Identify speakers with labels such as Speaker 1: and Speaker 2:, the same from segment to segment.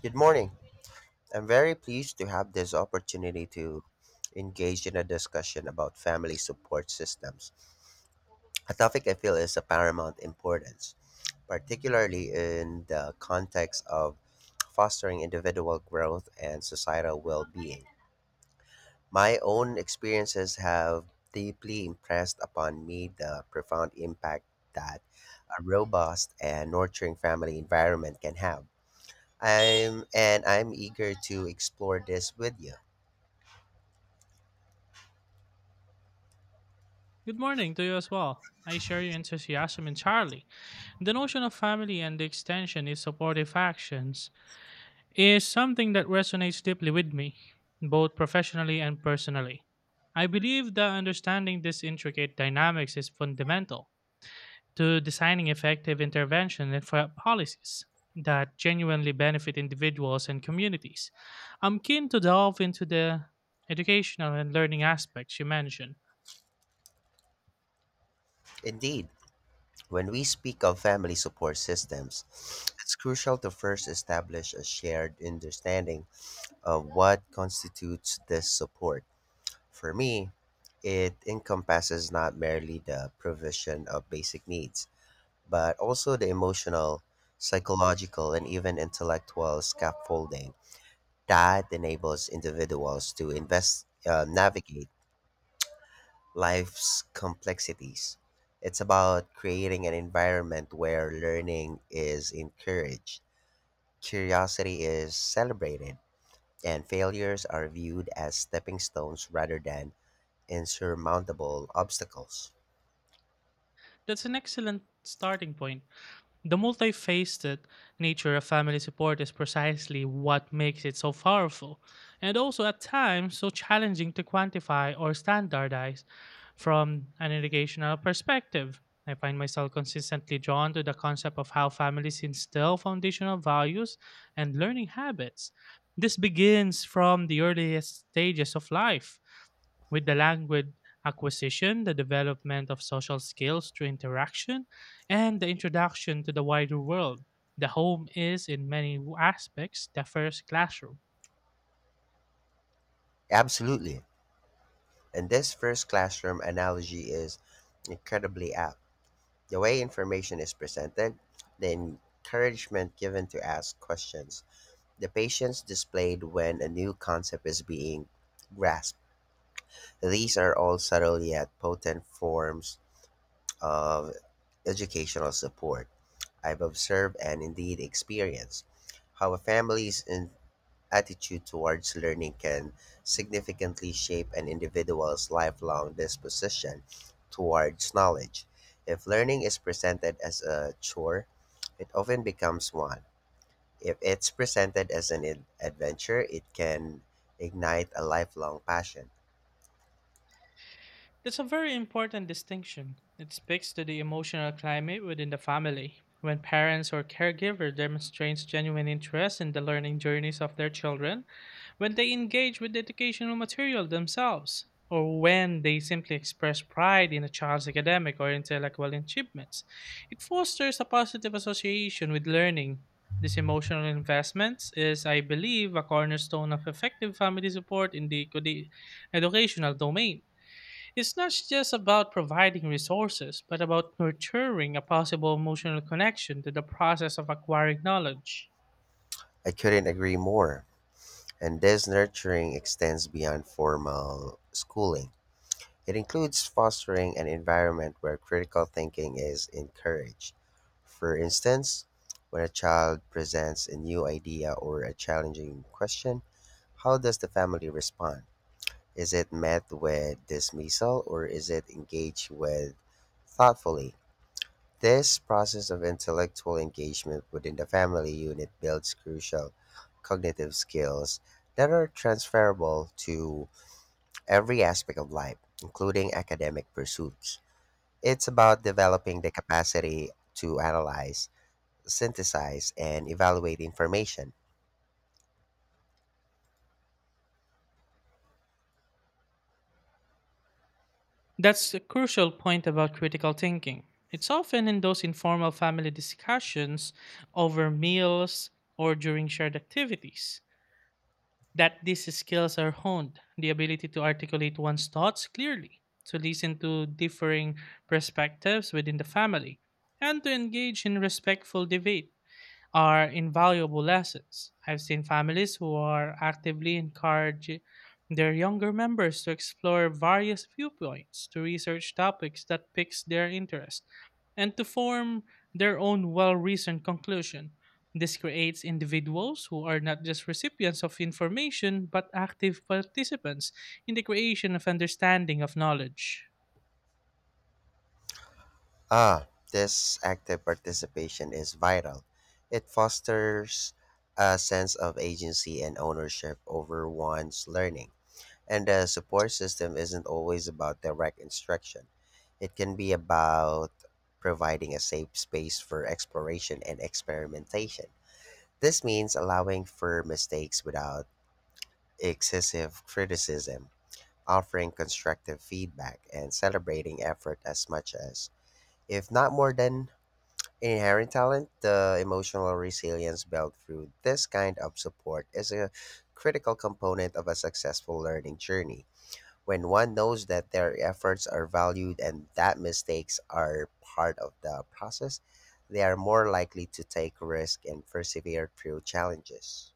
Speaker 1: Good morning. I'm very pleased to have this opportunity to engage in a discussion about family support systems, a topic I feel is of paramount importance, particularly in the context of fostering individual growth and societal well being. My own experiences have deeply impressed upon me the profound impact that a robust and nurturing family environment can have. I'm eager to explore this with you.
Speaker 2: Good morning to you as well. I share your enthusiasm entirely. The notion of family and the extension is supportive actions is something that resonates deeply with me, both professionally and personally. I believe that understanding these intricate dynamics is fundamental to designing effective intervention and for policies that genuinely benefit individuals and communities. I'm keen to delve into the educational and learning aspects you mentioned.
Speaker 1: Indeed, when we speak of family support systems, it's crucial to first establish a shared understanding of what constitutes this support. For me, it encompasses not merely the provision of basic needs, but also the emotional, psychological, and even intellectual scaffolding that enables individuals to navigate life's complexities. It's about creating an environment where learning is encouraged, curiosity is celebrated, and failures are viewed as stepping stones rather than insurmountable obstacles.
Speaker 2: That's an excellent starting point. The multifaceted nature of family support is precisely what makes it so powerful, and also at times so challenging to quantify or standardize from an educational perspective. I find myself consistently drawn to the concept of how families instill foundational values and learning habits. This begins from the earliest stages of life, with the language acquisition, the development of social skills through interaction, and the introduction to the wider world. The home is, in many aspects, the first classroom.
Speaker 1: Absolutely. And this first classroom analogy is incredibly apt. The way information is presented, the encouragement given to ask questions, the patience displayed when a new concept is being grasped. These are all subtle yet potent forms of educational support. I've observed and indeed experienced how a attitude towards learning can significantly shape an individual's lifelong disposition towards knowledge. If learning is presented as a chore, it often becomes one. If it's presented as an adventure, it can ignite a lifelong passion.
Speaker 2: That's a very important distinction. It speaks to the emotional climate within the family. When parents or caregiver demonstrates genuine interest in the learning journeys of their children, when they engage with the educational material themselves, or when they simply express pride in a child's academic or intellectual achievements, it fosters a positive association with learning. This emotional investment is, I believe, a cornerstone of effective family support in the educational domain. It's not just about providing resources, but about nurturing a possible emotional connection to the process of acquiring knowledge.
Speaker 1: I couldn't agree more. And this nurturing extends beyond formal schooling. It includes fostering an environment where critical thinking is encouraged. For instance, when a child presents a new idea or a challenging question, how does the family respond? Is it met with dismissal, or is it engaged with thoughtfully? This process of intellectual engagement within the family unit builds crucial cognitive skills that are transferable to every aspect of life, including academic pursuits. It's about developing the capacity to analyze, synthesize, and evaluate information.
Speaker 2: That's the crucial point about critical thinking. It's often in those informal family discussions over meals or during shared activities that these skills are honed the ability to articulate one's thoughts clearly, to listen to differing perspectives within the family, and to engage in respectful debate are invaluable lessons. I've seen families who are actively encourage their younger members to explore various viewpoints, to research topics that piques their interest, and to form their own well-reasoned conclusion. This creates individuals who are not just recipients of information but active participants in the creation of understanding of knowledge.
Speaker 1: Ah, this active participation is vital. It fosters a sense of agency and ownership over one's learning. And the support system isn't always about direct instruction. It can be about providing a safe space for exploration and experimentation. This means allowing for mistakes without excessive criticism, offering constructive feedback, and celebrating effort as much as, if not more than, inherent talent. The emotional resilience built through this kind of support is a critical component of a successful learning journey. When one knows that their efforts are valued and that mistakes are part of the process, they are more likely to take risk and persevere through challenges.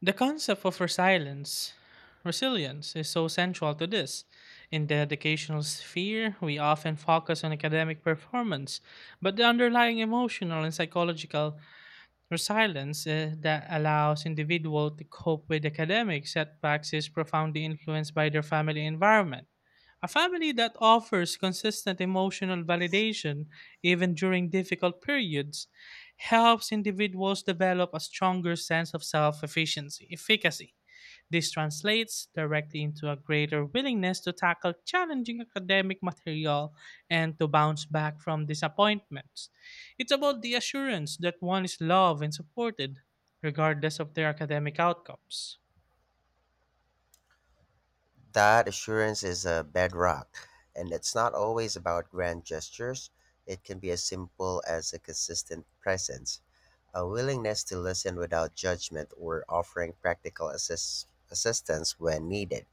Speaker 2: The concept of resilience is so central to this. In the educational sphere, we often focus on academic performance, but the underlying emotional and psychological or silence that allows individual to cope with academic setbacks is profoundly influenced by their family environment. A family that offers consistent emotional validation even during difficult periods helps individuals develop a stronger sense of efficacy. This translates directly into a greater willingness to tackle challenging academic material and to bounce back from disappointments. It's about the assurance that one is loved and supported, regardless of their academic outcomes.
Speaker 1: That assurance is a bedrock, and it's not always about grand gestures. It can be as simple as a consistent presence, a willingness to listen without judgment, or offering practical assistance when needed,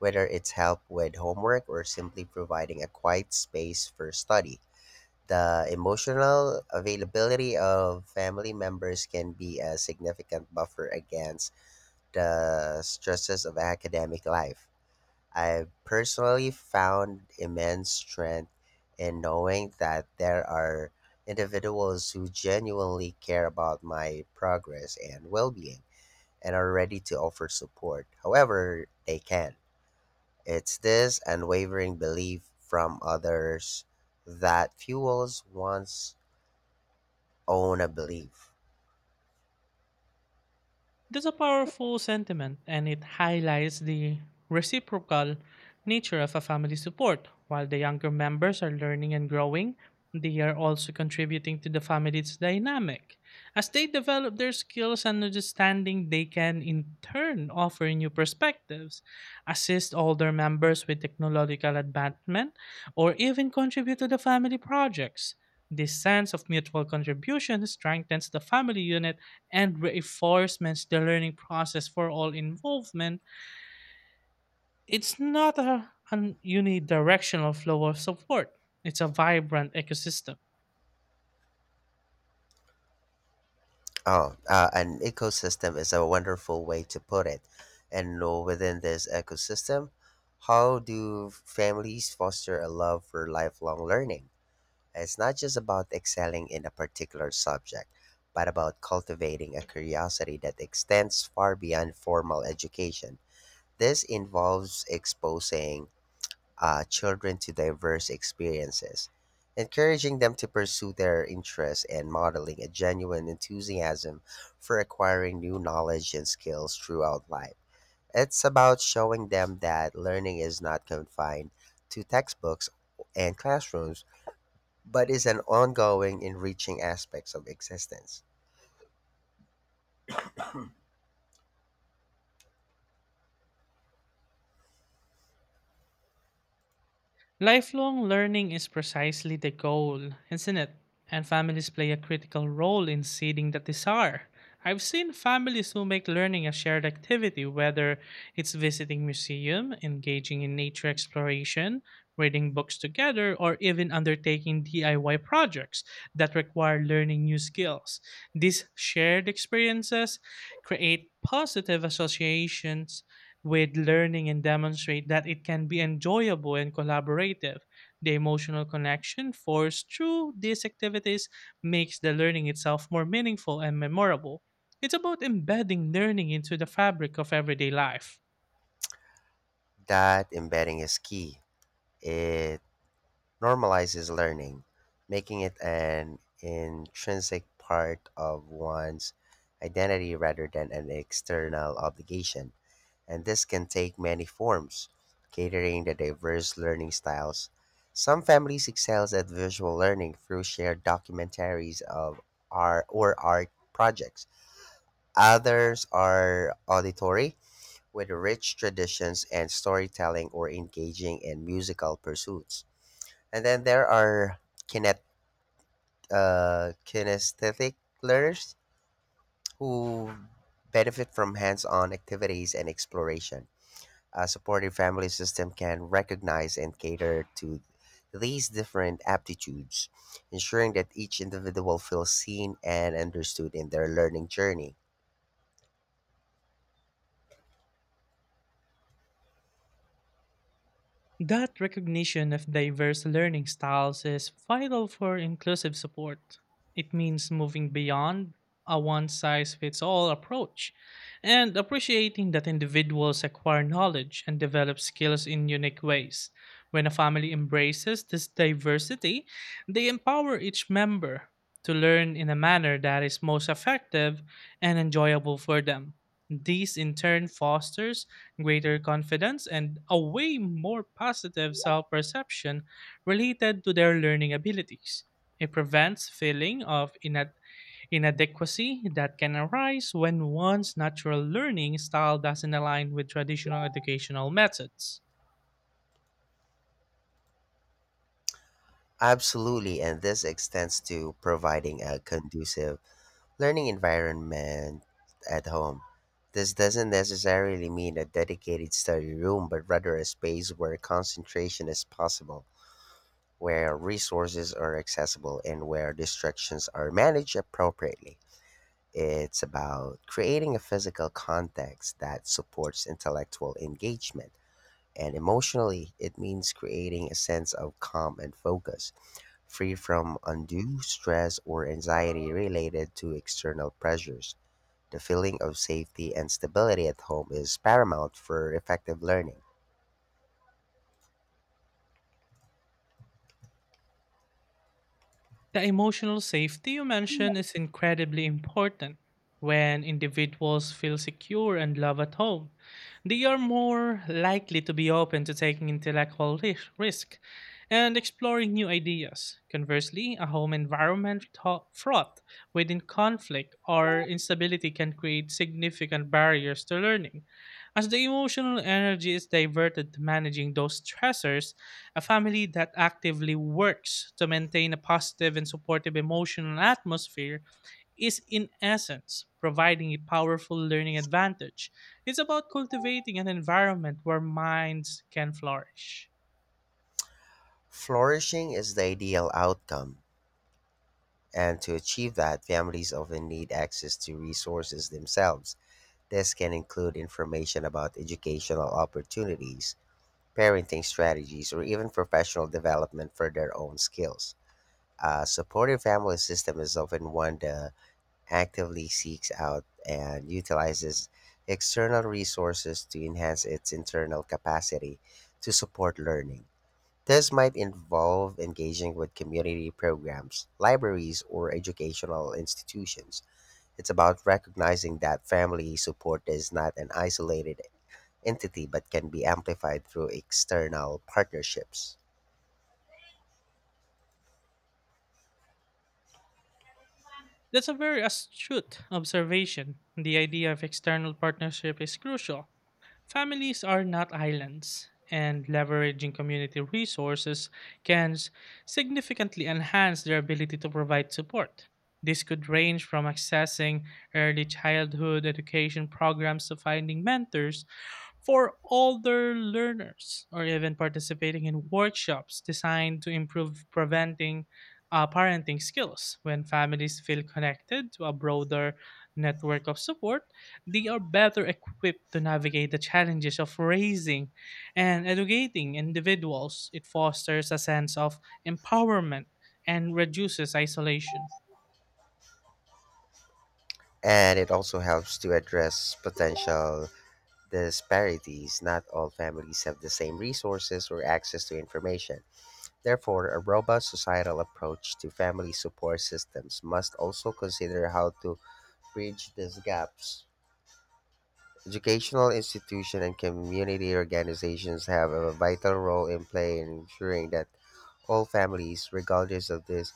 Speaker 1: whether it's help with homework or simply providing a quiet space for study. The emotional availability of family members can be a significant buffer against the stresses of academic life. I personally found immense strength in knowing that there are individuals who genuinely care about my progress and well being and are ready to offer support however they can. It's this unwavering belief from others that fuels one's own belief.
Speaker 2: That's a powerful sentiment, and it highlights the reciprocal nature of a family support. While the younger members are learning and growing, they are also contributing to the family's dynamic. As they develop their skills and understanding, they can in turn offer new perspectives, assist older members with technological advancement, or even contribute to the family projects. This sense of mutual contribution strengthens the family unit and reinforcements the learning process for all involvement, it's not an unidirectional flow of support. It's a vibrant ecosystem.
Speaker 1: Oh, an ecosystem is a wonderful way to put it. And within this ecosystem, how do families foster a love for lifelong learning? It's not just about excelling in a particular subject, but about cultivating a curiosity that extends far beyond formal education. This involves exposing children to diverse experiences, encouraging them to pursue their interests, and modeling a genuine enthusiasm for acquiring new knowledge and skills throughout life. It's about showing them that learning is not confined to textbooks and classrooms, but is an ongoing, enriching aspects of existence.
Speaker 2: Lifelong learning is precisely the goal, isn't it? And families play a critical role in seeding that desire. I've seen families who make learning a shared activity, whether it's visiting museum, engaging in nature exploration, reading books together, or even undertaking DIY projects that require learning new skills. These shared experiences create positive associations with learning and demonstrate that it can be enjoyable and collaborative. The emotional connection forged through these activities makes the learning itself more meaningful and memorable. It's about embedding learning into the fabric of everyday life.
Speaker 1: That embedding is key. It normalizes learning, making it an intrinsic part of one's identity rather than an external obligation. And this can take many forms, catering to diverse learning styles. Some families excel at visual learning through shared documentaries of art or art projects. Others are auditory, with rich traditions and storytelling or engaging in musical pursuits. And then there are kinet, kinesthetic learners who benefit from hands on activities and exploration. A supportive family system can recognize and cater to these different aptitudes, ensuring that each individual feels seen and understood in their learning journey.
Speaker 2: That recognition of diverse learning styles is vital for inclusive support. It means moving beyond a one size fits all approach and appreciating that individuals acquire knowledge and develop skills in unique ways. When a family embraces this diversity, they empower each member to learn in a manner that is most effective and enjoyable for them. This in turn fosters greater confidence, and a way more positive self perception related to their learning abilities. It prevents feeling of inadequacy that can arise when one's natural learning style doesn't align with traditional educational methods.
Speaker 1: Absolutely, and this extends to providing a conducive learning environment at home. This doesn't necessarily mean a dedicated study room, but rather a space where concentration is possible, where resources are accessible, and where distractions are managed appropriately. It's about creating a physical context that supports intellectual engagement. And emotionally, it means creating a sense of calm and focus, free from undue stress or anxiety related to external pressures. The feeling of safety and stability at home is paramount for effective learning.
Speaker 2: The emotional safety you mentioned is incredibly important. When individuals feel secure and loved at home, they are more likely to be open to taking intellectual risk and exploring new ideas. Conversely, a home environment fraught within conflict or instability can create significant barriers to learning. As the emotional energy is diverted to managing those stressors, a family that actively works to maintain a positive and supportive emotional atmosphere is, in essence, providing a powerful learning advantage. It's about cultivating an environment where minds can flourish.
Speaker 1: Flourishing is the ideal outcome, and to achieve that, families often need access to resources themselves. This can include information about educational opportunities, parenting strategies, or even professional development for their own skills. A supportive family system is often one that actively seeks out and utilizes external resources to enhance its internal capacity to support learning. This might involve engaging with community programs, libraries, or educational institutions. It's about recognizing that family support is not an isolated entity but can be amplified through external partnerships.
Speaker 2: That's a very astute observation. The idea of external partnership is crucial. Families are not islands, and leveraging community resources can significantly enhance their ability to provide support. This could range from accessing early childhood education programs to finding mentors for older learners or even participating in workshops designed to improve preventing parenting skills. When families feel connected to a broader network of support, they are better equipped to navigate the challenges of raising and educating individuals. It fosters a sense of empowerment and reduces isolation.
Speaker 1: And it also helps to address potential disparities. Not all families have the same resources or access to information. Therefore, a robust societal approach to family support systems must also consider how to bridge these gaps. Educational institutions and community organizations have a vital role in play in ensuring that all families, regardless of this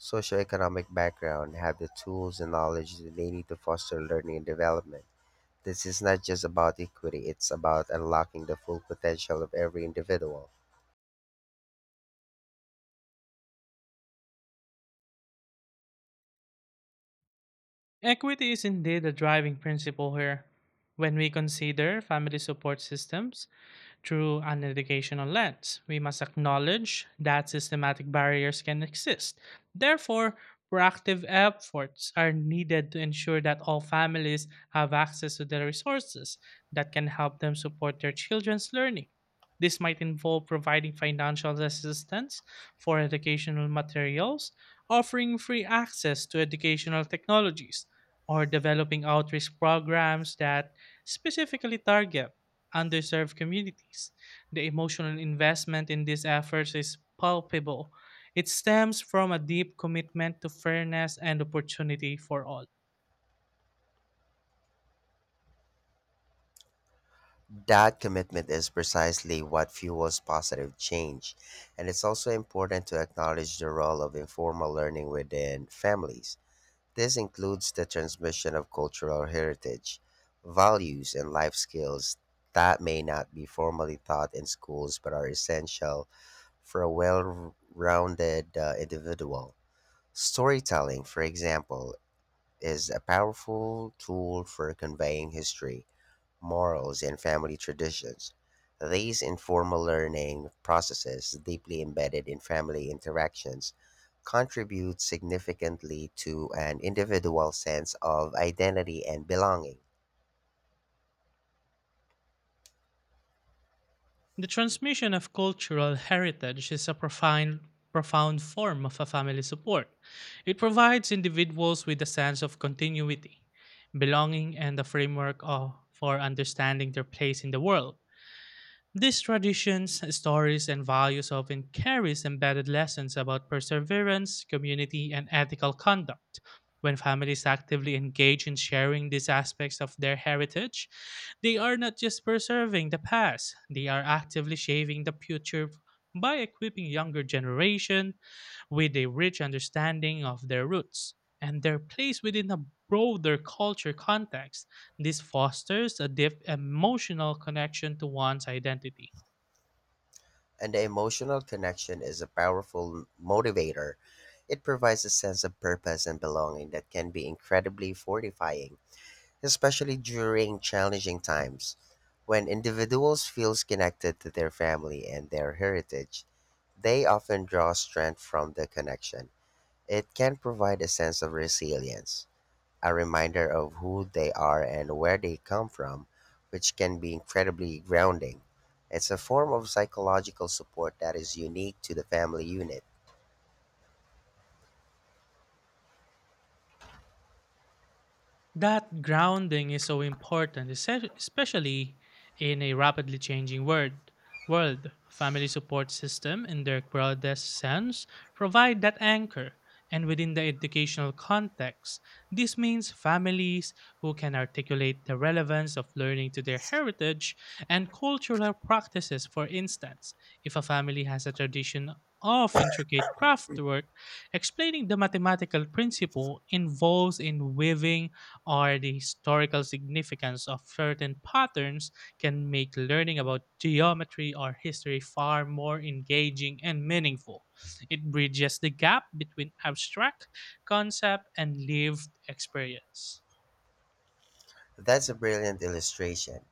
Speaker 1: socioeconomic background, have the tools and knowledge that they need to foster learning and development. This is not just about equity, it's about unlocking the full potential of every individual.
Speaker 2: Equity is indeed a driving principle here. When we consider family support systems, through an educational lens. We must acknowledge that systematic barriers can exist. Therefore, proactive efforts are needed to ensure that all families have access to the resources that can help them support their children's learning. This might involve providing financial assistance for educational materials, offering free access to educational technologies, or developing outreach programs that specifically target underserved communities. The emotional investment in these efforts is palpable. It stems from a deep commitment to fairness and opportunity for all.
Speaker 1: That commitment is precisely what fuels positive change, and it's also important to acknowledge the role of informal learning within families. This includes the transmission of cultural heritage, values, and life skills that may not be formally taught in schools but are essential for a well rounded individual. Storytelling, for example, is a powerful tool for conveying history, morals, and family traditions. These informal learning processes, deeply embedded in family interactions, contribute significantly to an individual's sense of identity and belonging.
Speaker 2: The transmission of cultural heritage is a profound form of a family support. It provides individuals with a sense of continuity, belonging, and a for understanding their place in the world. These traditions, stories, and values often carries embedded lessons about perseverance, community, and ethical conduct. When families actively engage in sharing these aspects of their heritage, they are not just preserving the past, they are actively shaping the future by equipping younger generation with a rich understanding of their roots and their place within a broader culture context. This fosters a deep emotional connection to one's identity.
Speaker 1: And the emotional connection is a powerful motivator. It provides a sense of purpose and belonging that can be incredibly fortifying, especially during challenging times. When individuals feel connected to their family and their heritage, they often draw strength from the connection. It can provide a sense of resilience, a reminder of who they are and where they come from, which can be incredibly grounding. It's a form of psychological support that is unique to the family unit.
Speaker 2: That grounding is so important, especially in a rapidly changing world. World family support system, in their broadest sense, provide that anchor. And within the educational context, this means families who can articulate the relevance of learning to their heritage and cultural practices. For instance, if a family has a tradition of intricate craftwork, explaining the mathematical principle involves in weaving or the historical significance of certain patterns can make learning about geometry or history far more engaging and meaningful. It bridges the gap between abstract concept and lived experience.
Speaker 1: That's a brilliant illustration.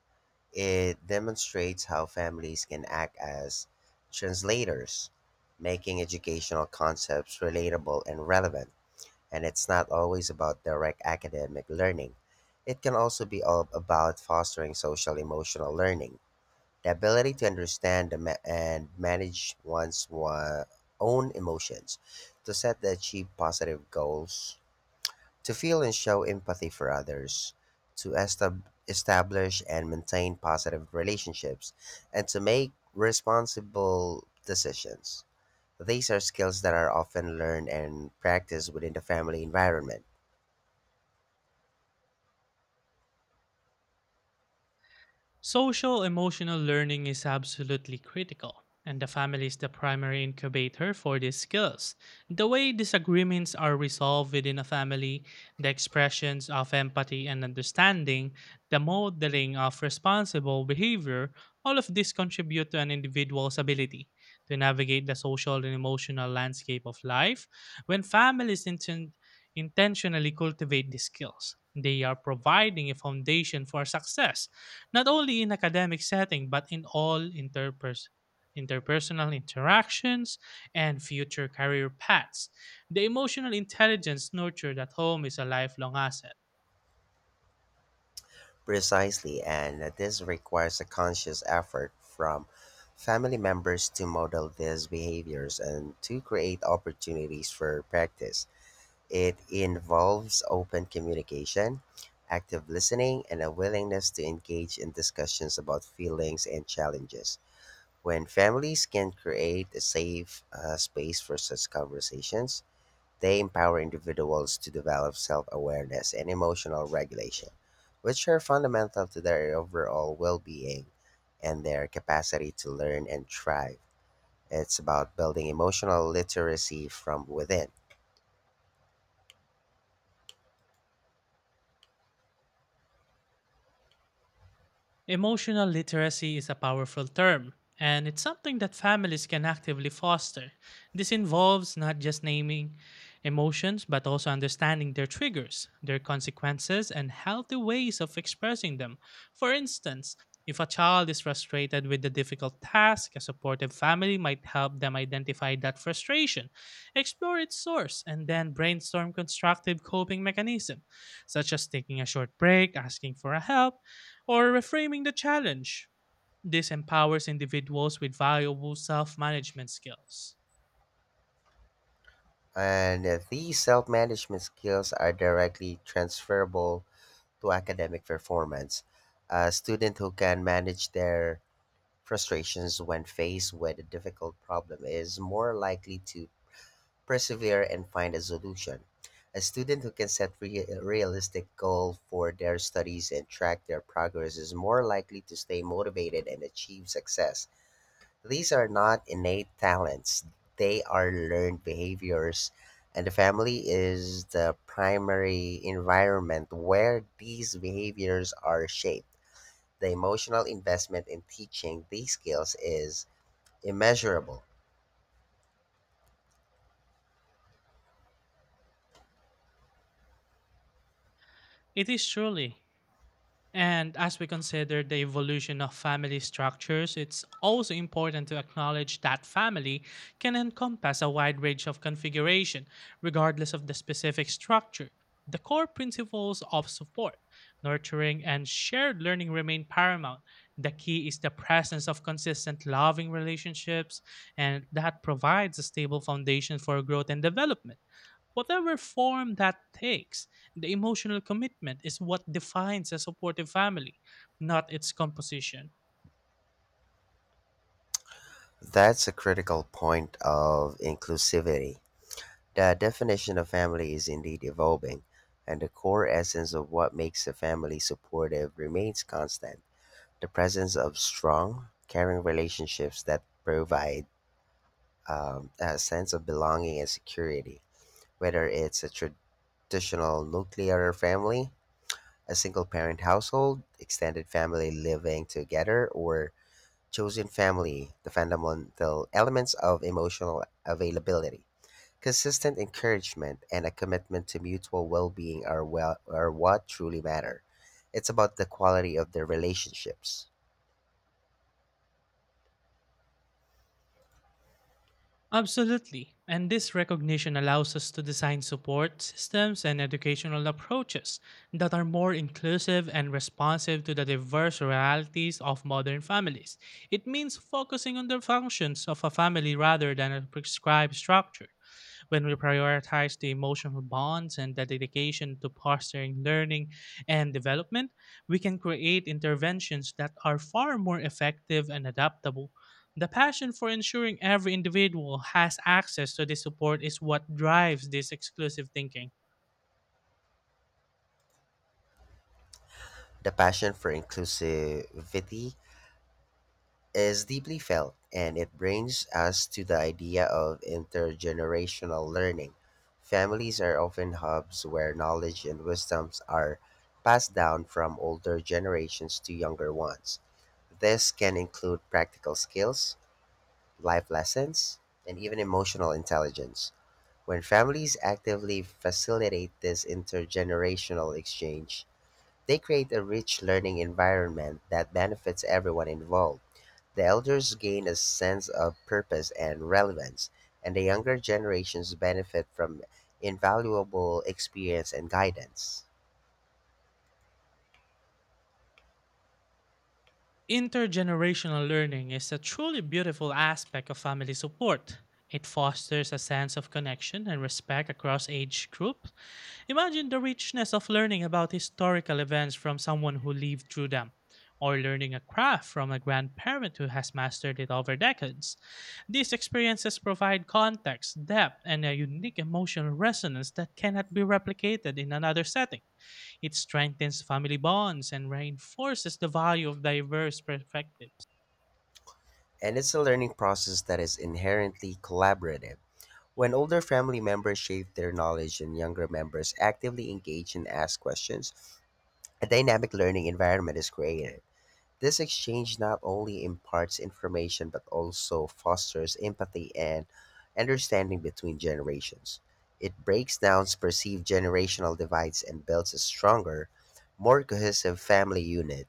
Speaker 1: It demonstrates how families can act as translators, making educational concepts relatable and relevant. And it's not always about direct academic learning. It can also be all about fostering social emotional learning. The ability to understand the ma- and manage one's own emotions, to set the achieve positive goals, to feel and show empathy for others, to establish and maintain positive relationships, and to make responsible decisions. These are skills that are often learned and practiced within the family environment.
Speaker 2: Social emotional learning is absolutely critical, and the family is the primary incubator for these skills. The way disagreements are resolved within a family, the expressions of empathy and understanding, the modeling of responsible behavior, all of this contribute to an individual's ability to navigate the social and emotional landscape of life. When families intentionally cultivate these skills, they are providing a foundation for success not only in academic setting but in all interpersonal interactions and future career paths. The emotional intelligence nurtured at home is a lifelong asset.
Speaker 1: Precisely, and this requires a conscious effort from family members to model these behaviors and to create opportunities for practice. It involves open communication, active listening, and a willingness to engage in discussions about feelings and challenges. When families can create a safe space for such conversations, they empower individuals to develop self awareness and emotional regulation, which are fundamental to their overall well being and their capacity to learn and thrive. It's about building emotional literacy from within.
Speaker 2: Emotional literacy is a powerful term, and it's something that families can actively foster. This involves not just naming emotions, but also understanding their triggers, their consequences, and healthy ways of expressing them. For instance, if a child is frustrated with a difficult task, a supportive family might help them identify that frustration, explore its source, and then brainstorm constructive coping mechanisms, such as taking a short break, asking for a help, or reframing the challenge. This empowers individuals with valuable self management skills.
Speaker 1: And these self management skills are directly transferable to academic performance. A student who can manage their frustrations when faced with a difficult problem is more likely to persevere and find a solution. A student who can set realistic goals for their studies and track their progress is more likely to stay motivated and achieve success. These are not innate talents, they are learned behaviors, and the family is the primary environment where these behaviors are shaped. The emotional investment in teaching these skills is immeasurable.
Speaker 2: It is truly. And as we consider the evolution of family structures, it's also important to acknowledge that family can encompass a wide range of configuration, regardless of the specific structure. The core principles of support, nurturing, and shared learning remain paramount. The key is the presence of consistent, loving relationships, and that provides a stable foundation for growth and development. Whatever form that takes, the emotional commitment is what defines a supportive family, not its composition.
Speaker 1: That's a critical point of inclusivity. The definition of family is indeed evolving, and the core essence of what makes a family supportive remains constant. The presence of strong, caring relationships that provide a sense of belonging and security, whether it's a traditional nuclear family, a single parent household, extended family living together, or chosen family, the fundamental elements of emotional availability, consistent encouragement, and a commitment to mutual well being are, well, are what truly matter. It's about the quality of their relationships.
Speaker 2: Absolutely. And this recognition allows us to design support systems and educational approaches that are more inclusive and responsive to the diverse realities of modern families. It means focusing on the functions of a family rather than a prescribed structure when we prioritize the emotional bonds and the dedication to fostering learning and development, we can create interventions that are far more effective and adaptable. The passion for ensuring every individual has access to this support is what drives this exclusive thinking.
Speaker 1: The passion for inclusivity is deeply felt, and it brings us to the idea of intergenerational learning. Families are often hubs where knowledge and wisdoms are passed down from older generations to younger ones. This can include practical skills, life lessons, and even emotional intelligence. When families actively facilitate this intergenerational exchange, they create a rich learning environment that benefits everyone involved. The elders gain a sense of purpose and relevance, and the younger generations benefit from invaluable experience and guidance.
Speaker 2: Intergenerational learning is a truly beautiful aspect of family support. It fosters a sense of connection and respect across age groups. Imagine the richness of learning about historical events from someone who lived through them, or learning a craft from a grandparent who has mastered it over decades. These experiences provide context, depth, and a unique emotional resonance that cannot be replicated in another setting. It strengthens family bonds and reinforces the value of diverse perspectives.
Speaker 1: And it's a learning process that is inherently collaborative. When older family members share their knowledge and younger members actively engage and ask questions, a dynamic learning environment is created. This exchange not only imparts information but also fosters empathy and understanding between generations. It breaks down perceived generational divides and builds a stronger, more cohesive family unit.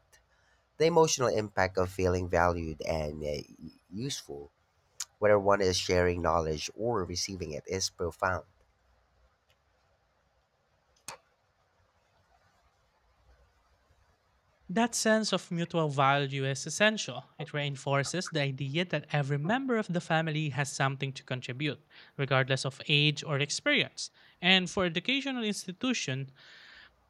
Speaker 1: The emotional impact of feeling valued and useful, whether one is sharing knowledge or receiving it, is profound.
Speaker 2: That sense of mutual value is essential. It reinforces the idea that every member of the family has something to contribute, regardless of age or experience. And for educational institutions,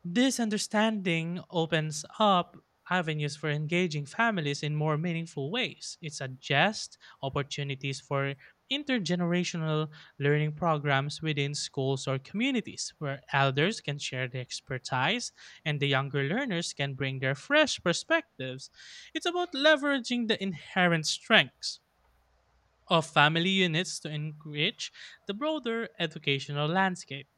Speaker 2: this understanding opens up avenues for engaging families in more meaningful ways. It suggests opportunities for intergenerational learning programs within schools or communities where elders can share their expertise and the younger learners can bring their fresh perspectives. It's about leveraging the inherent strengths of family units to enrich the broader educational landscape.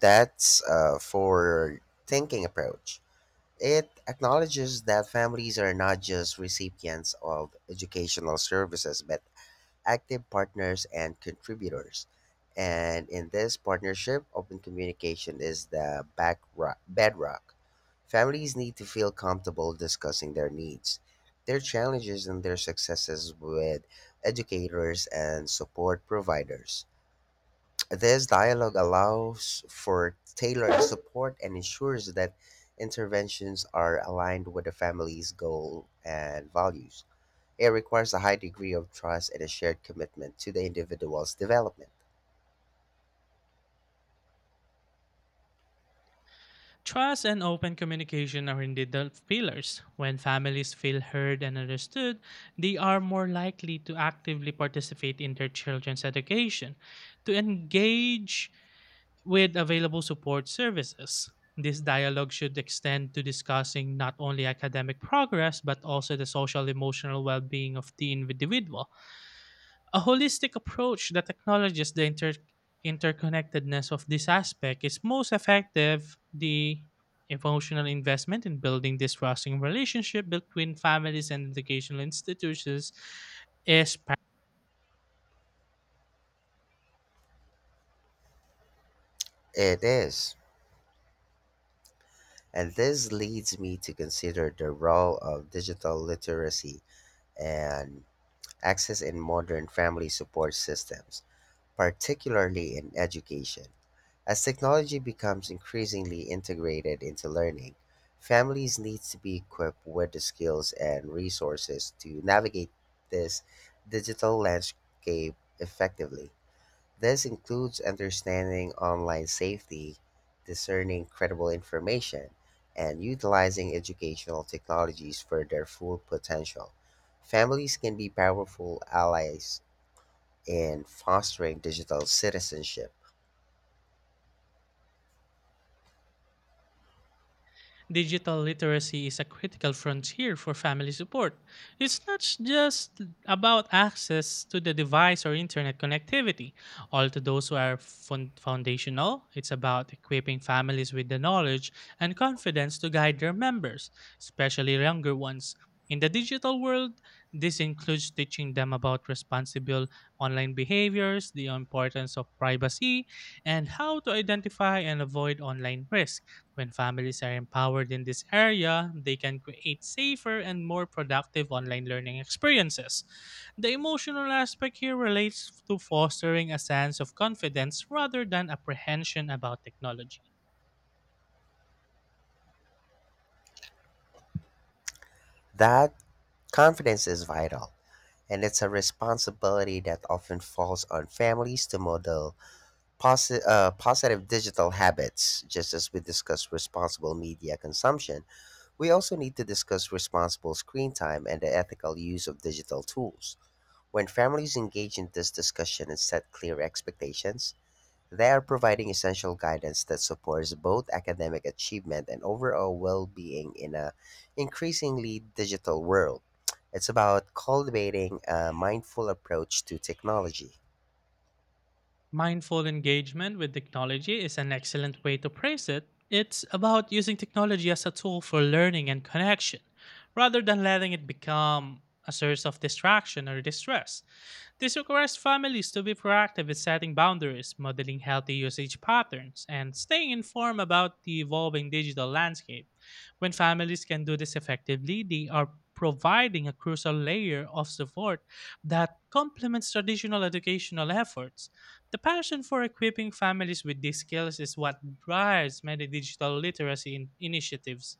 Speaker 1: That's for thinking approach. It acknowledges that families are not just recipients of educational services, but active partners and contributors. And in this partnership, open communication is the back bedrock. Families need to feel comfortable discussing their needs, their challenges, and their successes with educators and support providers. This dialogue allows for tailored support and ensures that interventions are aligned with the family's goal and values. It requires a high degree of trust and a shared commitment to the individual's development.
Speaker 2: Trust and open communication are indeed the pillars. When families feel heard and understood, they are more likely to actively participate in their children's education, to engage with available support services. This dialogue should extend to discussing not only academic progress but also the social emotional well being of the individual. A holistic approach that acknowledges the interconnectedness of this aspect is most effective. The emotional investment in building this trusting relationship between families and educational institutions is.
Speaker 1: It is. And this leads me to consider the role of digital literacy and access in modern family support systems, particularly in education. As technology becomes increasingly integrated into learning, families need to be equipped with the skills and resources to navigate this digital landscape effectively. This includes understanding online safety, discerning credible information, and utilizing educational technologies for their full potential. Families can be powerful allies in fostering digital citizenship.
Speaker 2: Digital literacy is a critical frontier for family support. It's not just about access to the device or internet connectivity. All to those who are foundational, it's about equipping families with the knowledge and confidence to guide their members, especially younger ones. In the digital world, this includes teaching them about responsible online behaviors, the importance of privacy, and how to identify and avoid online risk. When families are empowered in this area, they can create safer and more productive online learning experiences. The emotional aspect here relates to fostering a sense of confidence rather than apprehension about technology.
Speaker 1: That confidence is vital, and it's a responsibility that often falls on families to model positive digital habits. Just as we discuss responsible media consumption, we also need to discuss responsible screen time and the ethical use of digital tools. When families engage in this discussion and set clear expectations, they are providing essential guidance that supports both academic achievement and overall well-being in an increasingly digital world. It's about cultivating a mindful approach to technology.
Speaker 2: Mindful engagement with technology is an excellent way to phrase it. It's about using technology as a tool for learning and connection, rather than letting it become a source of distraction or distress. This requires families to be proactive in setting boundaries, modeling healthy usage patterns, and staying informed about the evolving digital landscape. When families can do this effectively, they are providing a crucial layer of support that complements traditional educational efforts. The passion for equipping families with these skills is what drives many digital literacy initiatives.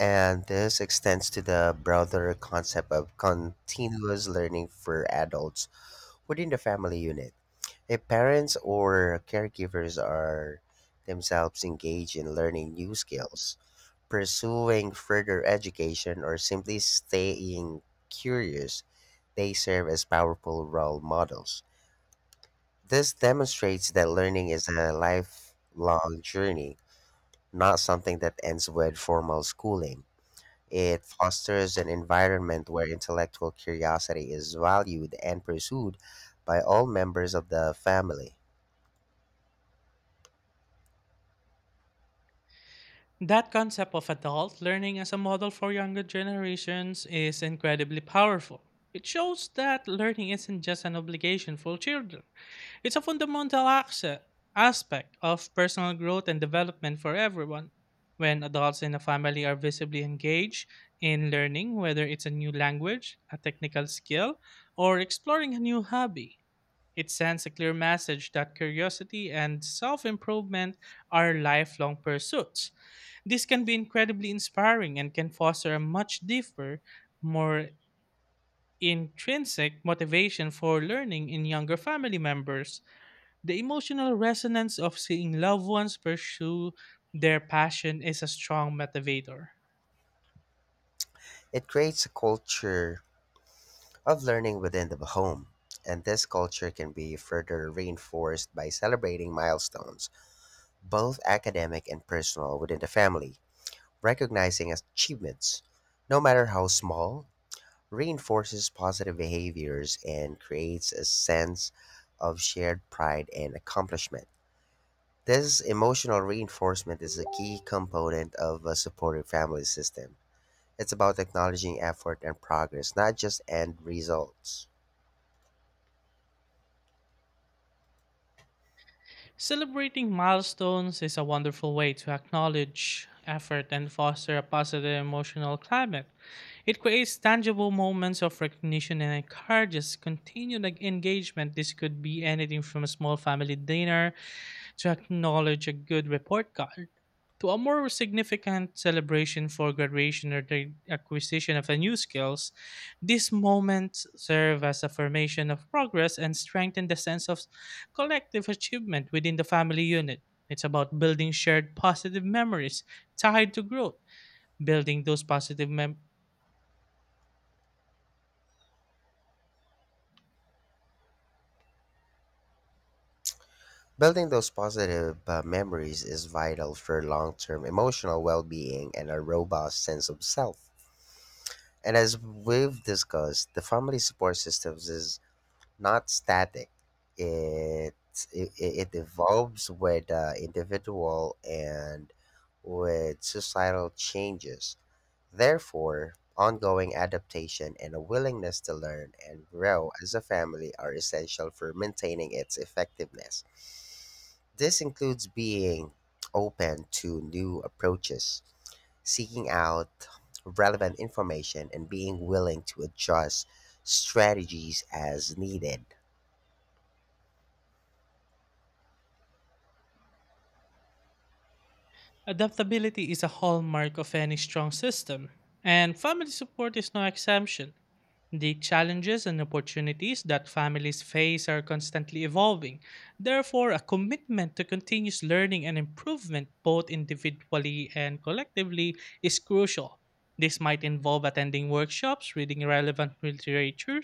Speaker 1: And this extends to the broader concept of continuous learning for adults within the family unit. If parents or caregivers are themselves engaged in learning new skills, pursuing further education, or simply staying curious, they serve as powerful role models. This demonstrates that learning is a lifelong journey, not something that ends with formal schooling. It fosters an environment where intellectual curiosity is valued and pursued by all members of the family.
Speaker 2: That concept of adult learning as a model for younger generations is incredibly powerful. It shows that learning isn't just an obligation for children. It's a fundamental aspect of personal growth and development for everyone. When adults in a family are visibly engaged in learning, whether it's a new language, a technical skill, or exploring a new hobby, it sends a clear message that curiosity and self improvement are lifelong pursuits. This can be incredibly inspiring and can foster a much deeper, more intrinsic motivation for learning in younger family members. The emotional resonance of seeing loved ones pursue their passion is a strong motivator.
Speaker 1: It creates a culture of learning within the home. And this culture can be further reinforced by celebrating milestones, both academic and personal, within the family. Recognizing achievements, no matter how small, reinforces positive behaviors and creates a sense of shared pride and accomplishment. This emotional reinforcement is a key component of a supportive family system. It's about acknowledging effort and progress, not just end results.
Speaker 2: Celebrating milestones is a wonderful way to acknowledge effort and foster a positive emotional climate. It creates tangible moments of recognition and encourages continued engagement. This could be anything from a small family dinner to acknowledge a good report card to a more significant celebration for graduation or the acquisition of a new skills. These moments serve as affirmation of progress and strengthen the sense of collective achievement within the family unit. It's about building shared positive memories tied to growth. Building those positive mem-
Speaker 1: Building those positive memories is vital for long term emotional well being and a robust sense of self. And as we've discussed, the family support systems is not static. It it evolves with the individual and with societal changes. Therefore, ongoing adaptation and a willingness to learn and grow as a family are essential for maintaining its effectiveness. This includes being open to new approaches, seeking out relevant information, and being willing to adjust strategies as needed.
Speaker 2: adaptability is a hallmark of any strong system, and family support is no exemption. The challenges and opportunities that families face are constantly evolving. Therefore, a commitment to continuous learning and improvement, both individually and collectively, is crucial. This might involve attending workshops, reading relevant literature,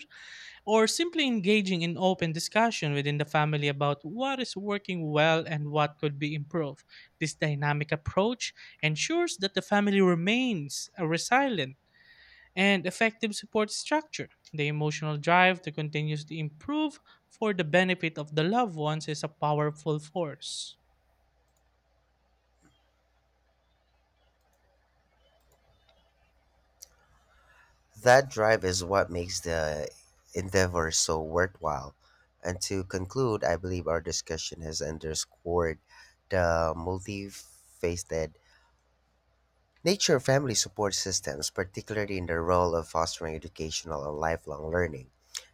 Speaker 2: or simply engaging in open discussion within the family about what is working well and what could be improved. This dynamic approach ensures that the family remains resilient and effective support structure. The emotional drive to continuously improve for the benefit of the loved ones is a powerful force.
Speaker 1: That drive is what makes the endeavor so worthwhile. And to conclude, I believe our discussion has underscored the multifaceted nature of family support systems, particularly in the role of fostering educational and lifelong learning.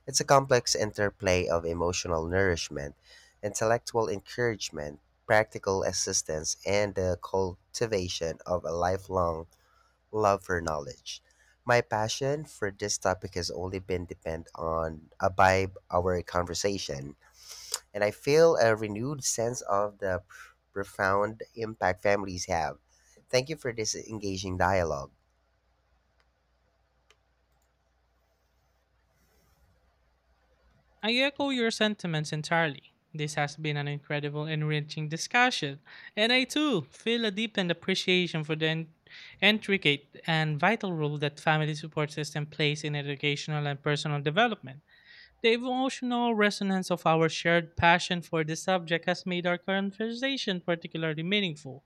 Speaker 1: It's a complex interplay of emotional nourishment, intellectual encouragement, practical assistance, and the cultivation of a lifelong love for knowledge. My passion for this topic has only been depend on by our conversation, and I feel a renewed sense of the profound impact families have. Thank you for this engaging dialogue.
Speaker 2: I echo your sentiments entirely. This has been an incredible, enriching discussion, and I too feel a deepened appreciation for the intricate and vital role that family support system plays in educational and personal development. The emotional resonance of our shared passion for the subject has made our conversation particularly meaningful.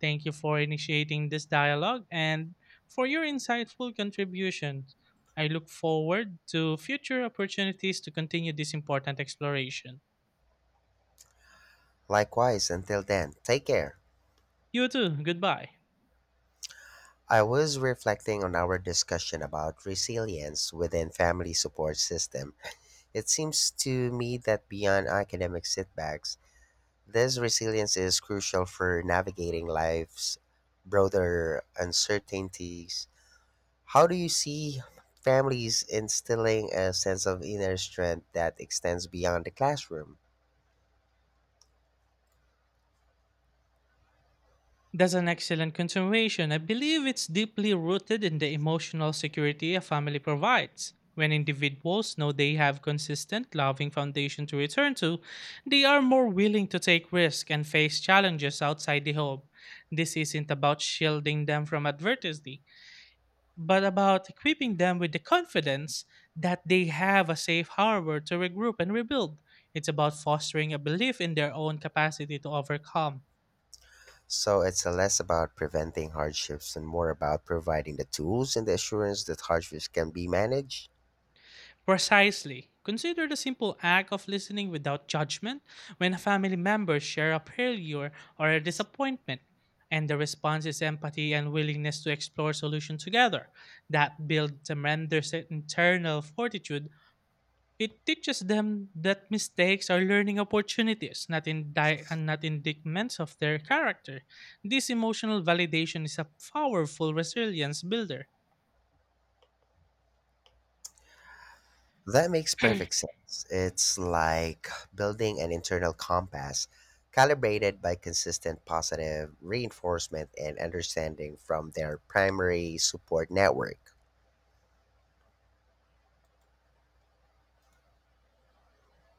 Speaker 2: Thank you for initiating this dialogue and for your insightful contributions. I look forward to future opportunities to continue this important exploration.
Speaker 1: Likewise, until then, take care.
Speaker 2: You too, goodbye.
Speaker 1: I was reflecting on our discussion about resilience within family support system. It seems to me that beyond academic setbacks, this resilience is crucial for navigating life's broader uncertainties. How do you see families instilling a sense of inner strength that extends beyond the classroom?
Speaker 2: That's an excellent continuation. I believe it's deeply rooted in the emotional security a family provides. When individuals know they have consistent, loving foundation to return to, they are more willing to take risks and face challenges outside the home. This isn't about shielding them from adversity, but about equipping them with the confidence that they have a safe harbor to regroup and rebuild. It's about fostering a belief in their own capacity to overcome.
Speaker 1: So it's less about preventing hardships and more about providing the tools and the assurance that hardships can be managed.
Speaker 2: Precisely. Consider the simple act of listening without judgment when a family member share a failure or a disappointment, and the response is empathy and willingness to explore solutions together. That builds tremendous internal fortitude. It teaches them that mistakes are learning opportunities, not in and not indictments of their character. This emotional validation is a powerful resilience builder.
Speaker 1: That makes perfect sense. It's like building an internal compass, calibrated by consistent positive reinforcement and understanding from their primary support network.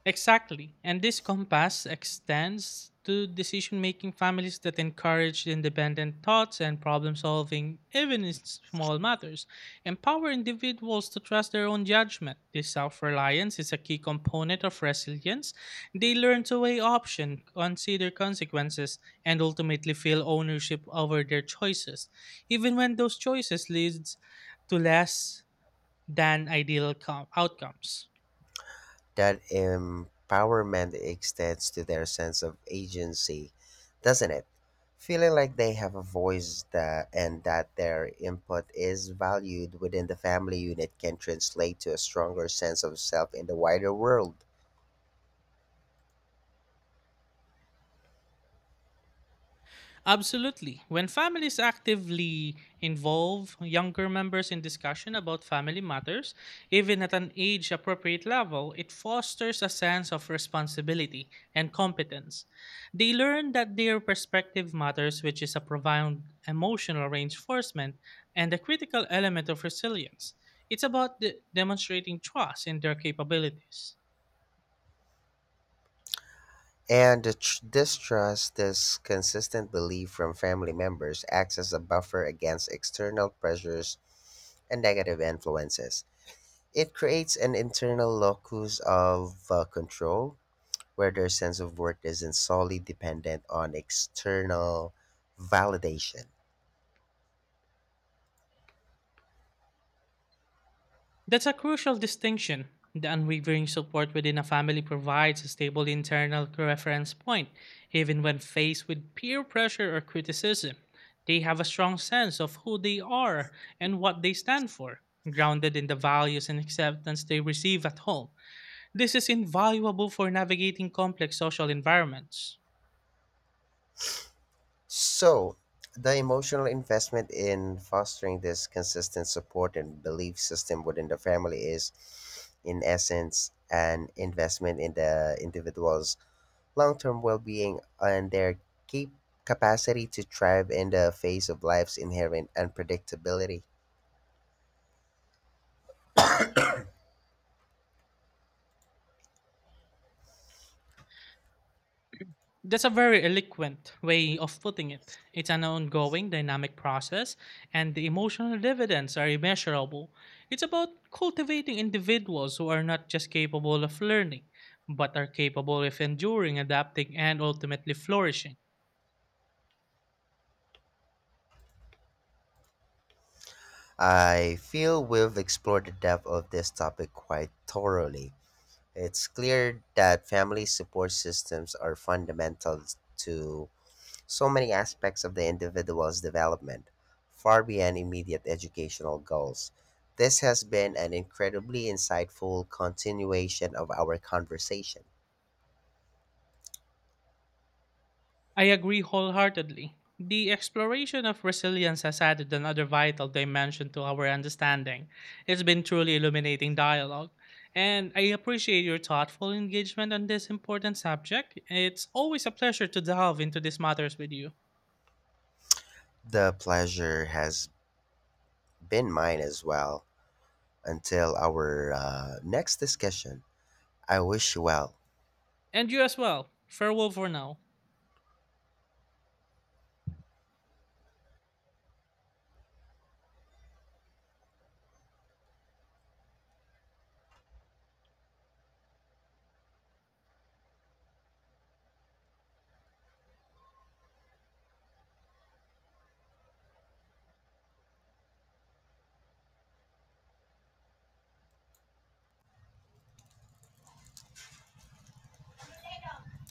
Speaker 2: Exactly. And this compass extends to decision making. Families that encourage independent thoughts and problem solving, even in small matters, empower individuals to trust their own judgment. This self reliance is a key component of resilience. They learn to weigh options, consider consequences, and ultimately feel ownership over their choices, even when those choices leads to less than ideal outcomes.
Speaker 1: That empowerment extends to their sense of agency, doesn't it? Feeling like they have a voice that, and that their input is valued within the family unit can translate to a stronger sense of self in the wider world.
Speaker 2: Absolutely. When families actively involve younger members in discussion about family matters, even at an age appropriate level, it fosters a sense of responsibility and competence. They learn that their perspective matters, which is a profound emotional reinforcement and a critical element of resilience. It's about demonstrating trust in their capabilities.
Speaker 1: And the this trust, this consistent belief from family members, acts as a buffer against external pressures and negative influences. It creates an internal locus of control where their sense of worth isn't solely dependent on external validation.
Speaker 2: That's a crucial distinction. The unwavering support within a family provides a stable internal reference point, even when faced with peer pressure or criticism. They have a strong sense of who they are and what they stand for, grounded in the values and acceptance they receive at home. This is invaluable for navigating complex social environments.
Speaker 1: So, the emotional investment in fostering this consistent support and belief system within the family is, in essence, an investment in the individual's long term well being and their cap- capacity to thrive in the face of life's inherent unpredictability.
Speaker 2: That's a very eloquent way of putting it. It's an ongoing dynamic process, and the emotional dividends are immeasurable. It's about cultivating individuals who are not just capable of learning, but are capable of enduring, adapting, and ultimately flourishing.
Speaker 1: I feel we've explored the depth of this topic quite thoroughly. It's clear that family support systems are fundamental to so many aspects of the individual's development, far beyond immediate educational goals. This has been an incredibly insightful continuation of our conversation.
Speaker 2: I agree wholeheartedly. The exploration of resilience has added another vital dimension to our understanding. It's been truly illuminating dialogue. And I appreciate your thoughtful engagement on this important subject. It's always a pleasure to delve into these matters with you.
Speaker 1: The pleasure has been mine as well. Until our next discussion. I wish you well.
Speaker 2: And you as well. Farewell for now.